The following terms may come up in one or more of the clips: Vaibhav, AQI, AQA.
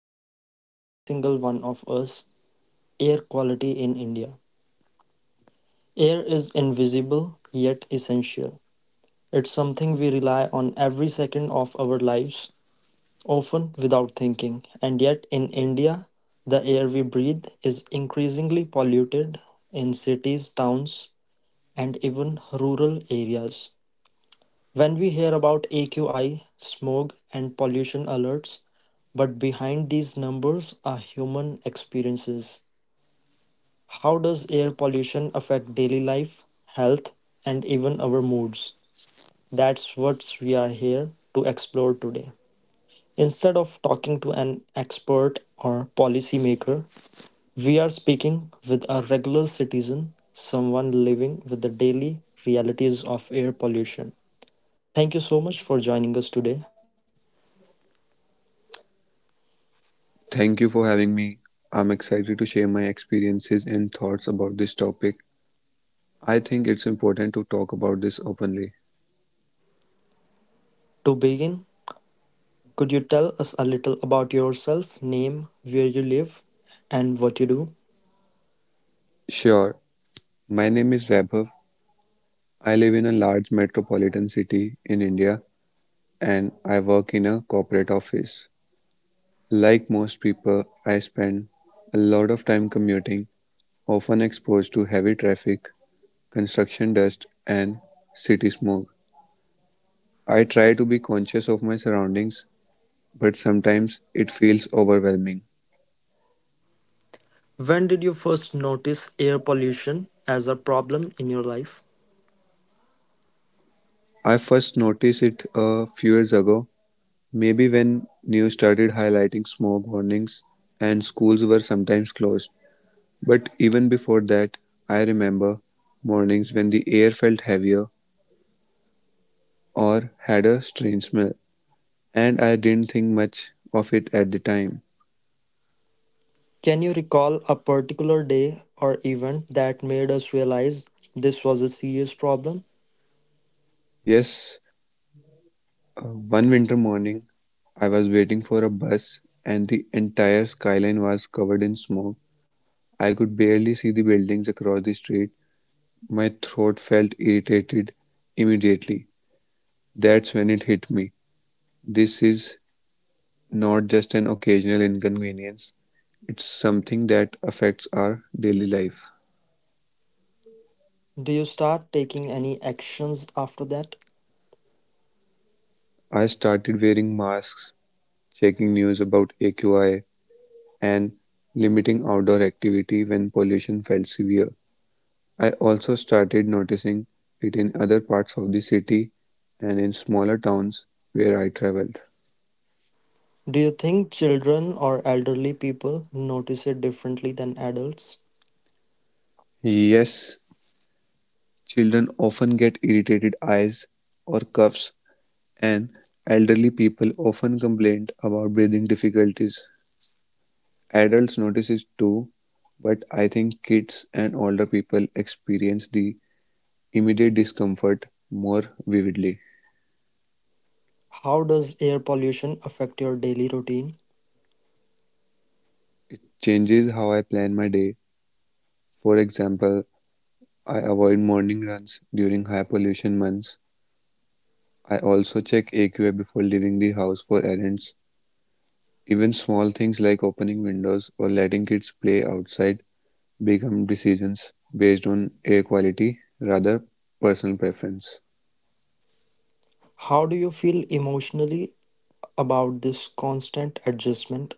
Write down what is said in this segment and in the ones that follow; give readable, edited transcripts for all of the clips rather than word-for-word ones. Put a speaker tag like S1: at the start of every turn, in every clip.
S1: impacts every single one of us: air quality in India. Air is invisible yet essential. It's something we rely on every second of our lives, often without thinking. And yet, in India, the air we breathe is increasingly polluted in cities, towns, and even rural areas. When we hear about AQI, smog, and pollution alerts, but behind these numbers are human experiences. How does air pollution affect daily life, health, and even our moods? That's what we are here to explore today. Instead of talking to an expert or policymaker, we are speaking with a regular citizen, someone living with the daily realities of air pollution. Thank you so much for joining us today.
S2: Thank you for having me. I'm excited to share my experiences and thoughts about this topic. I think it's important to talk about this openly.
S1: To begin, could you tell us a little about yourself, name, where you live, and what you do?
S2: Sure. My name is Vaibhav. I live in a large metropolitan city in India and I work in a corporate office. Like most people, I spend a lot of time commuting, often exposed to heavy traffic, construction dust, and city smog. I try to be conscious of my surroundings, but sometimes it feels overwhelming.
S1: When did you first notice air pollution as a problem in your life?
S2: I first noticed it a few years ago, maybe when news started highlighting smoke warnings and schools were sometimes closed. But even before that, I remember mornings when the air felt heavier or had a strange smell, and I didn't think much of it at the time.
S1: Can you recall a particular day or event that made us realize this was a serious problem?
S2: Yes, one winter morning, I was waiting for a bus and the entire skyline was covered in smoke. I could barely see the buildings across the street. My throat felt irritated immediately. That's when it hit me. This is not just an occasional inconvenience, it's something that affects our daily life.
S1: Do you start taking any actions after that?
S2: I started wearing masks, checking news about AQI, and limiting outdoor activity when pollution felt severe. I also started noticing it in other parts of the city and in smaller towns where I traveled.
S1: Do you think children or elderly people notice it differently than adults?
S2: Yes, children often get irritated eyes or coughs, and elderly people often complain about breathing difficulties. Adults notice it too, but I think kids and older people experience the immediate discomfort more vividly.
S1: How does air pollution affect your daily routine?
S2: Changes how I plan my day. For example, I avoid morning runs during high pollution months. I also check AQA before leaving the house for errands. Even small things like opening windows or letting kids play outside become decisions based on air quality rather personal preference.
S1: How do you feel emotionally about this constant adjustment?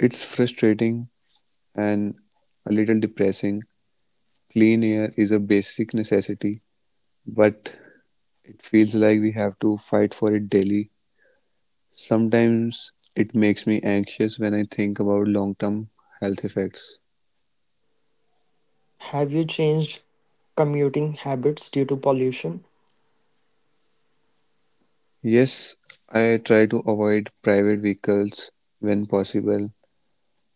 S2: It's frustrating and a little depressing. Clean air is a basic necessity, but it feels like we have to fight for it daily. Sometimes it makes me anxious when I think about long term health effects.
S1: Have you changed commuting habits due to pollution?
S2: Yes, I try to avoid private vehicles when possible.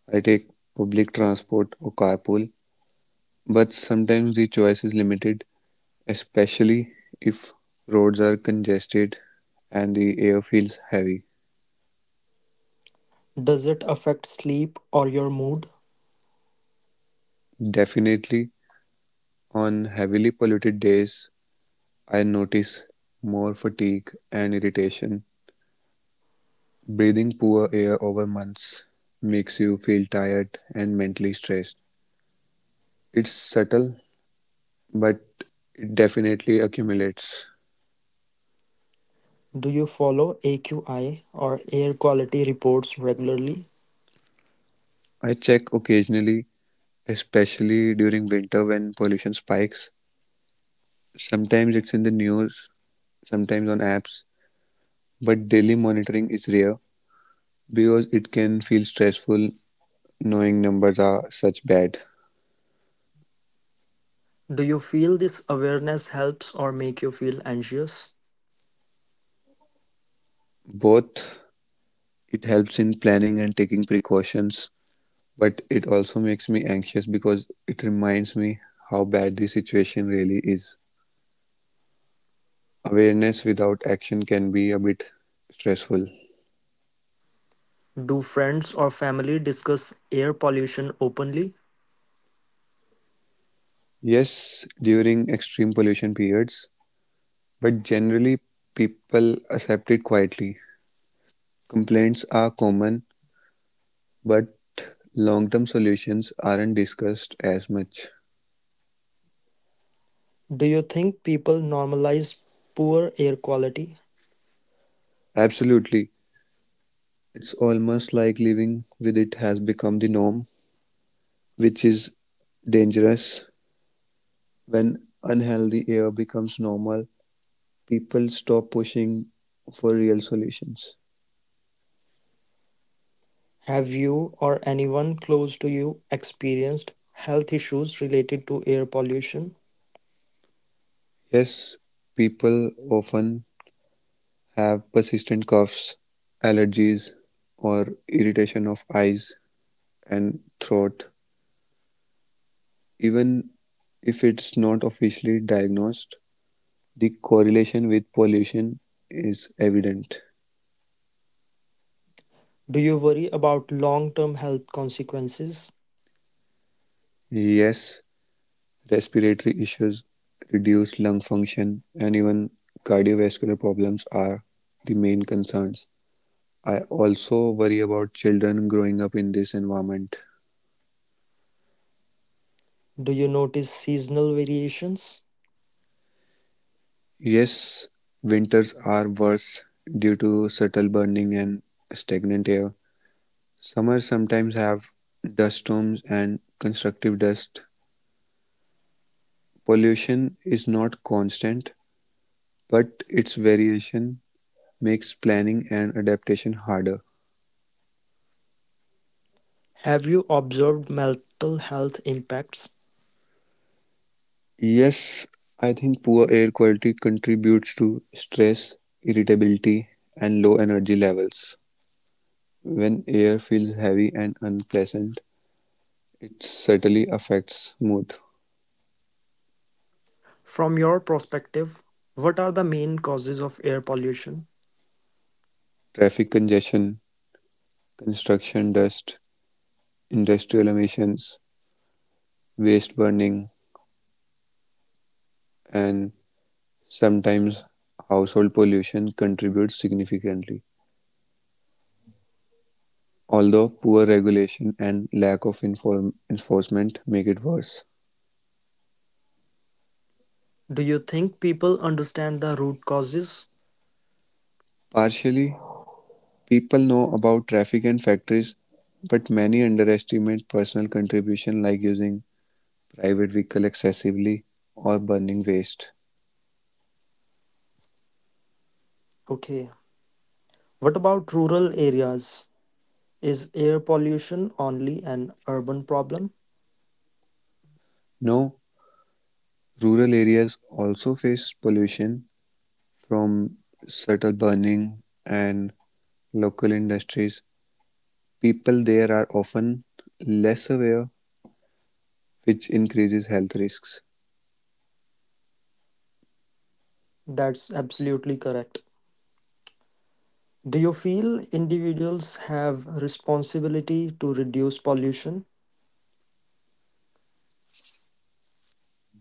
S2: I take public transport or carpool, but sometimes the choice is limited, especially if roads are congested and the air feels heavy.
S1: Does it affect sleep or your mood?
S2: Definitely, on heavily polluted days, I notice more fatigue and irritation. Breathing poor air over months makes you feel tired and mentally stressed. It's subtle, but it definitely accumulates.
S1: Do you follow AQI or air quality reports regularly?
S2: I check occasionally, especially during winter when pollution spikes. Sometimes it's in the news, sometimes on apps, but daily monitoring is rare because it can feel stressful knowing numbers are such bad.
S1: Do you feel this awareness helps or make you feel anxious?
S2: Both. It helps in planning and taking precautions, but it also makes me anxious because it reminds me how bad the situation really is. Awareness without action can be a bit stressful.
S1: Do friends or family discuss air pollution openly?
S2: Yes, during extreme pollution periods, but generally people accept it quietly. Complaints are common, but long-term solutions aren't discussed as much.
S1: Do you think people normalize poor air quality?
S2: Absolutely. It's almost like living with it has become the norm, which is dangerous. When unhealthy air becomes normal, people stop pushing for real solutions.
S1: Have you or anyone close to you experienced health issues related to air pollution?
S2: Yes, people often have persistent coughs, allergies, or irritation of eyes and throat, even if it's not officially diagnosed. The correlation with pollution is evident.
S1: Do you worry about long term health consequences?
S2: Yes, respiratory issues, reduced lung function, and even cardiovascular problems are the main concerns. I also worry about children growing up in this environment.
S1: Do you notice seasonal variations?
S2: Yes, winters are worse due to subtle burning and stagnant air. Summers sometimes have dust storms and constructive dust. Pollution is not constant, but its variation makes planning and adaptation harder.
S1: Have you observed mental health impacts?
S2: Yes, I think poor air quality contributes to stress, irritability, and low energy levels. When air feels heavy and unpleasant, it certainly affects mood.
S1: From your perspective, what are the main causes of air pollution?
S2: Traffic congestion, construction dust, industrial emissions, waste burning, and sometimes household pollution contribute significantly. Although poor regulation and lack of enforcement make it worse.
S1: Do you think people understand the root causes?
S2: Partially, people know about traffic and factories, but many underestimate personal contribution like using private vehicle excessively or burning waste.
S1: Okay. What about rural areas? Is air pollution only an urban problem?
S2: Now, rural areas also face pollution from subtle burning and local industries. People there are often less aware, which increases health risks.
S1: That's absolutely correct. Do you feel individuals have responsibility to reduce pollution?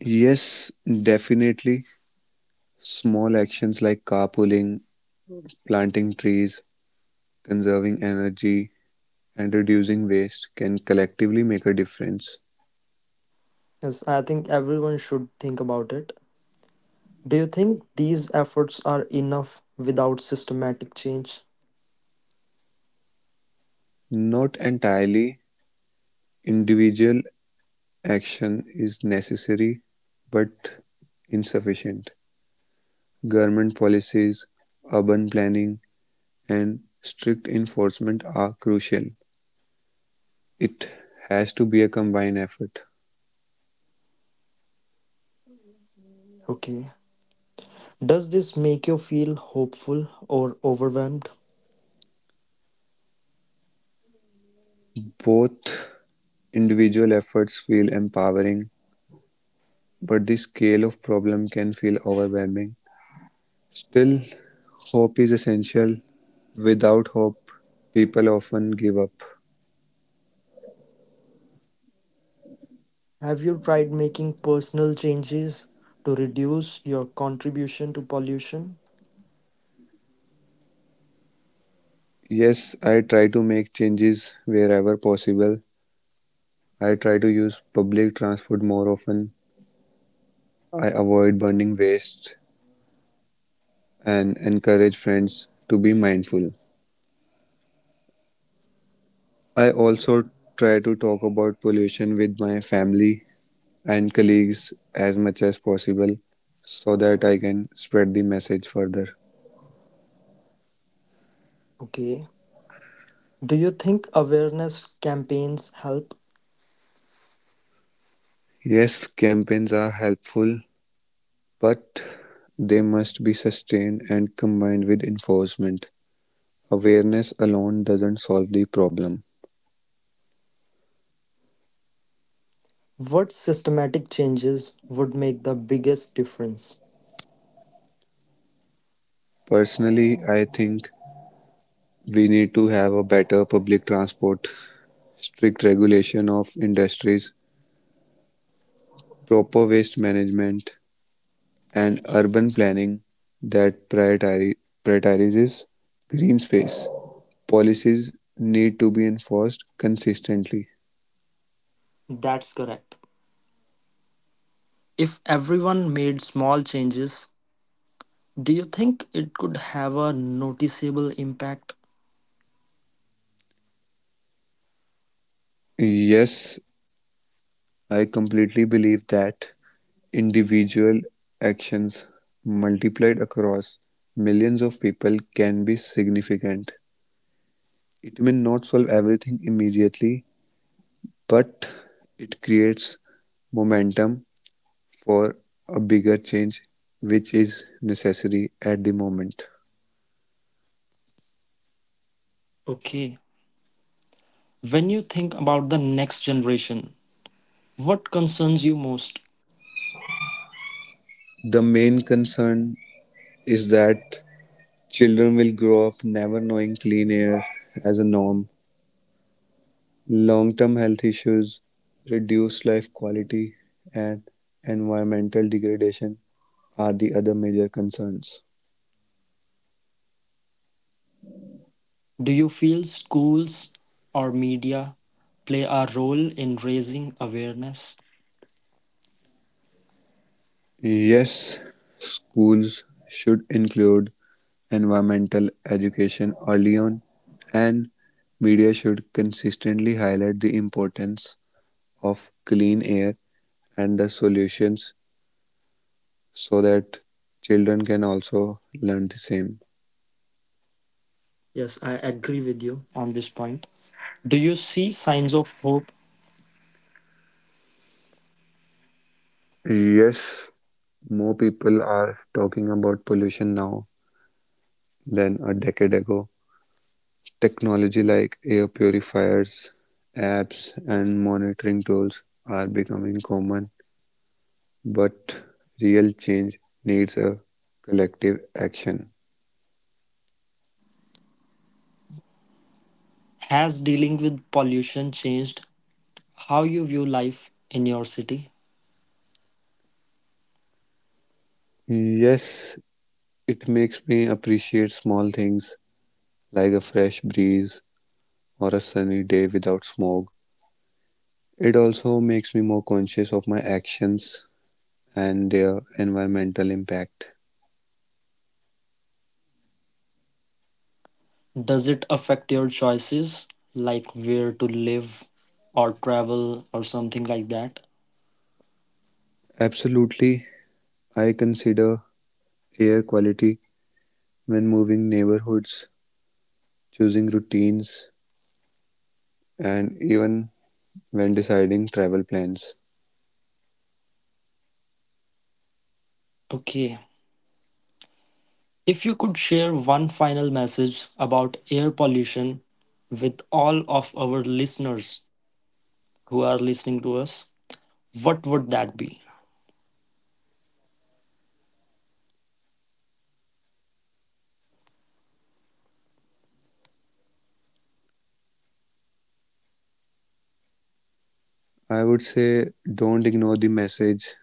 S2: Yes, definitely. Small actions like carpooling, planting trees, conserving energy, and reducing waste can collectively make a difference.
S1: Yes, I think everyone should think about it. Do you think these efforts are enough without systematic change?
S2: Not entirely. Individual action is necessary but insufficient. Government policies, urban planning, and strict enforcement are crucial. It has to be a combined effort.
S1: Okay. Does this make you feel hopeful or overwhelmed?
S2: Both. Individual efforts feel empowering, but the scale of problem can feel overwhelming. Still, hope is essential. Without hope, people often give up.
S1: Have you tried making personal changes to reduce your contribution to pollution?
S2: Yes, I try to make changes wherever possible. I try to use public transport more often. I avoid burning waste and encourage friends to be mindful. I also try to talk about pollution with my family and colleagues as much as possible so that I can spread the message further.
S1: Okay. Do you think awareness campaigns help?
S2: Yes, campaigns are helpful, but they must be sustained and combined with enforcement. Awareness alone doesn't solve the problem.
S1: What systematic changes would make the biggest difference?
S2: Personally, I think we need to have a better public transport, strict regulation of industries, proper waste management, and urban planning that prioritizes green space. Policies need to be enforced consistently.
S1: That's correct. If everyone made small changes, do you think it could have a noticeable impact?
S2: Yes, I completely believe that. Individual actions, multiplied across millions of people, can be significant. It may not solve everything immediately, but it creates momentum for a bigger change, which is necessary at the moment.
S1: Okay. When you think about the next generation, what concerns you most?
S2: The main concern is that children will grow up never knowing clean air as a norm. Long term health issues, reduced life quality, and environmental degradation are the other major concerns.
S1: Do you feel schools or media play a role in raising awareness?
S2: Yes, schools should include environmental education early on, and media should consistently highlight the importance of clean air and the solutions so that children can also learn the same.
S1: Yes, I agree with you on this point. Do you see signs of hope?
S2: Yes, more people are talking about pollution now than a decade ago. Technology like air purifiers, apps, and monitoring tools are becoming common, but real change needs a collective action.
S1: Has dealing with pollution changed how you view life in your city?
S2: Yes, it makes me appreciate small things like a fresh breeze or a sunny day without smog. It also makes me more conscious of my actions and their environmental impact.
S1: Does it affect your choices, like where to live or travel or something like that?
S2: Absolutely, I consider air quality when moving neighborhoods, choosing routines, and even when deciding travel plans.
S1: Okay. If you could share one final message about air pollution with all of our listeners who are listening to us, what would that be?
S2: I would say don't ignore the message.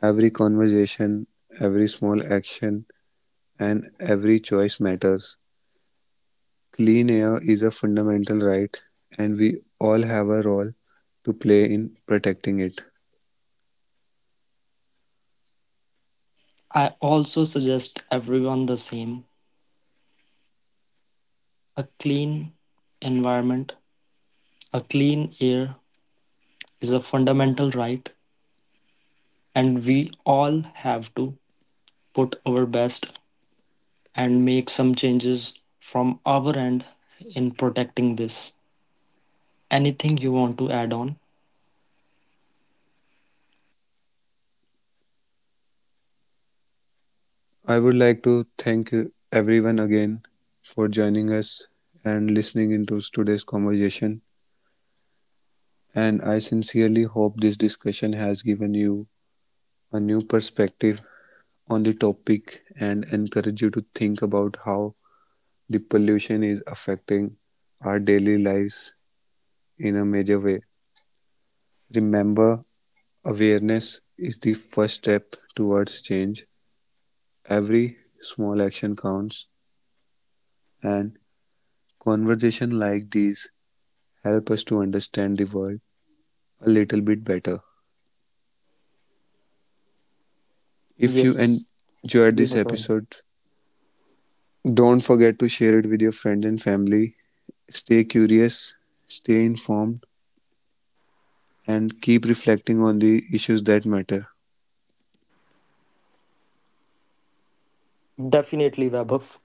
S2: Every conversation, every small action, and every choice matters. Clean air is a fundamental right, and we all have a role to play in protecting it.
S1: I also suggest everyone the same. A clean environment, a clean air is a fundamental right, and we all have to put our best and make some changes from our end in protecting this. Anything you want to add on?
S2: I would like to thank everyone again for joining us and listening into today's conversation. And I sincerely hope this discussion has given you a new perspective on the topic and encourage you to think about how the pollution is affecting our daily lives in a major way. Remember, awareness is the first step towards change. Every small action counts, and conversations like these help us to understand the world a little bit better. If you
S1: Yes,
S2: enjoyed
S1: we
S2: this
S1: are done.
S2: episode, don't forget to share it with your friends and family. Stay curious, stay informed and keep reflecting on the issues that matter.
S1: Definitely, Vaibhav.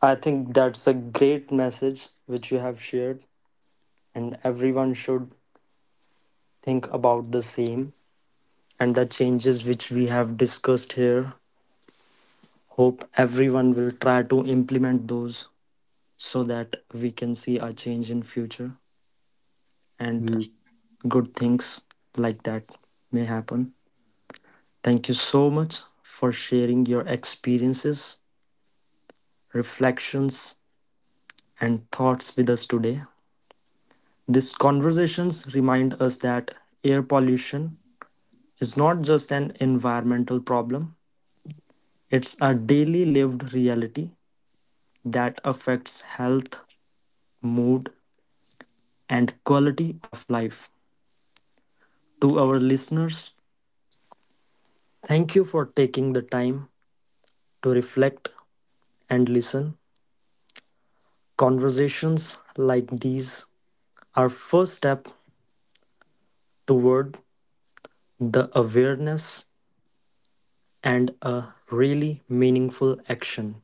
S1: I think that's a great message which you have shared, and everyone should think about the same and the changes which we have discussed here. Hope everyone will try to implement those so that we can see a change in future and
S2: Mm.
S1: good things like that may happen. Thank you so much for sharing your experiences, reflections, and thoughts with us today. These conversations remind us that air pollution is not just an environmental problem, it's a daily lived reality that affects health, mood, and quality of life. To our listeners, thank you for taking the time to reflect and listen. Conversations like these are first step toward the awareness and a really meaningful action.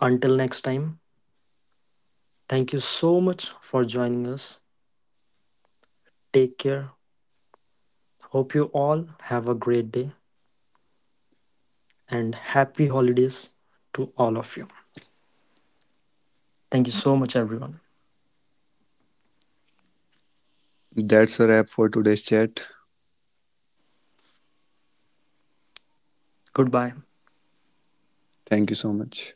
S1: Until next time, thank you so much for joining us. Take care. Hope you all have a great day and happy holidays to all of you. Thank you so much, everyone.
S2: That's a wrap for today's chat.
S1: Goodbye.
S2: Thank you so much.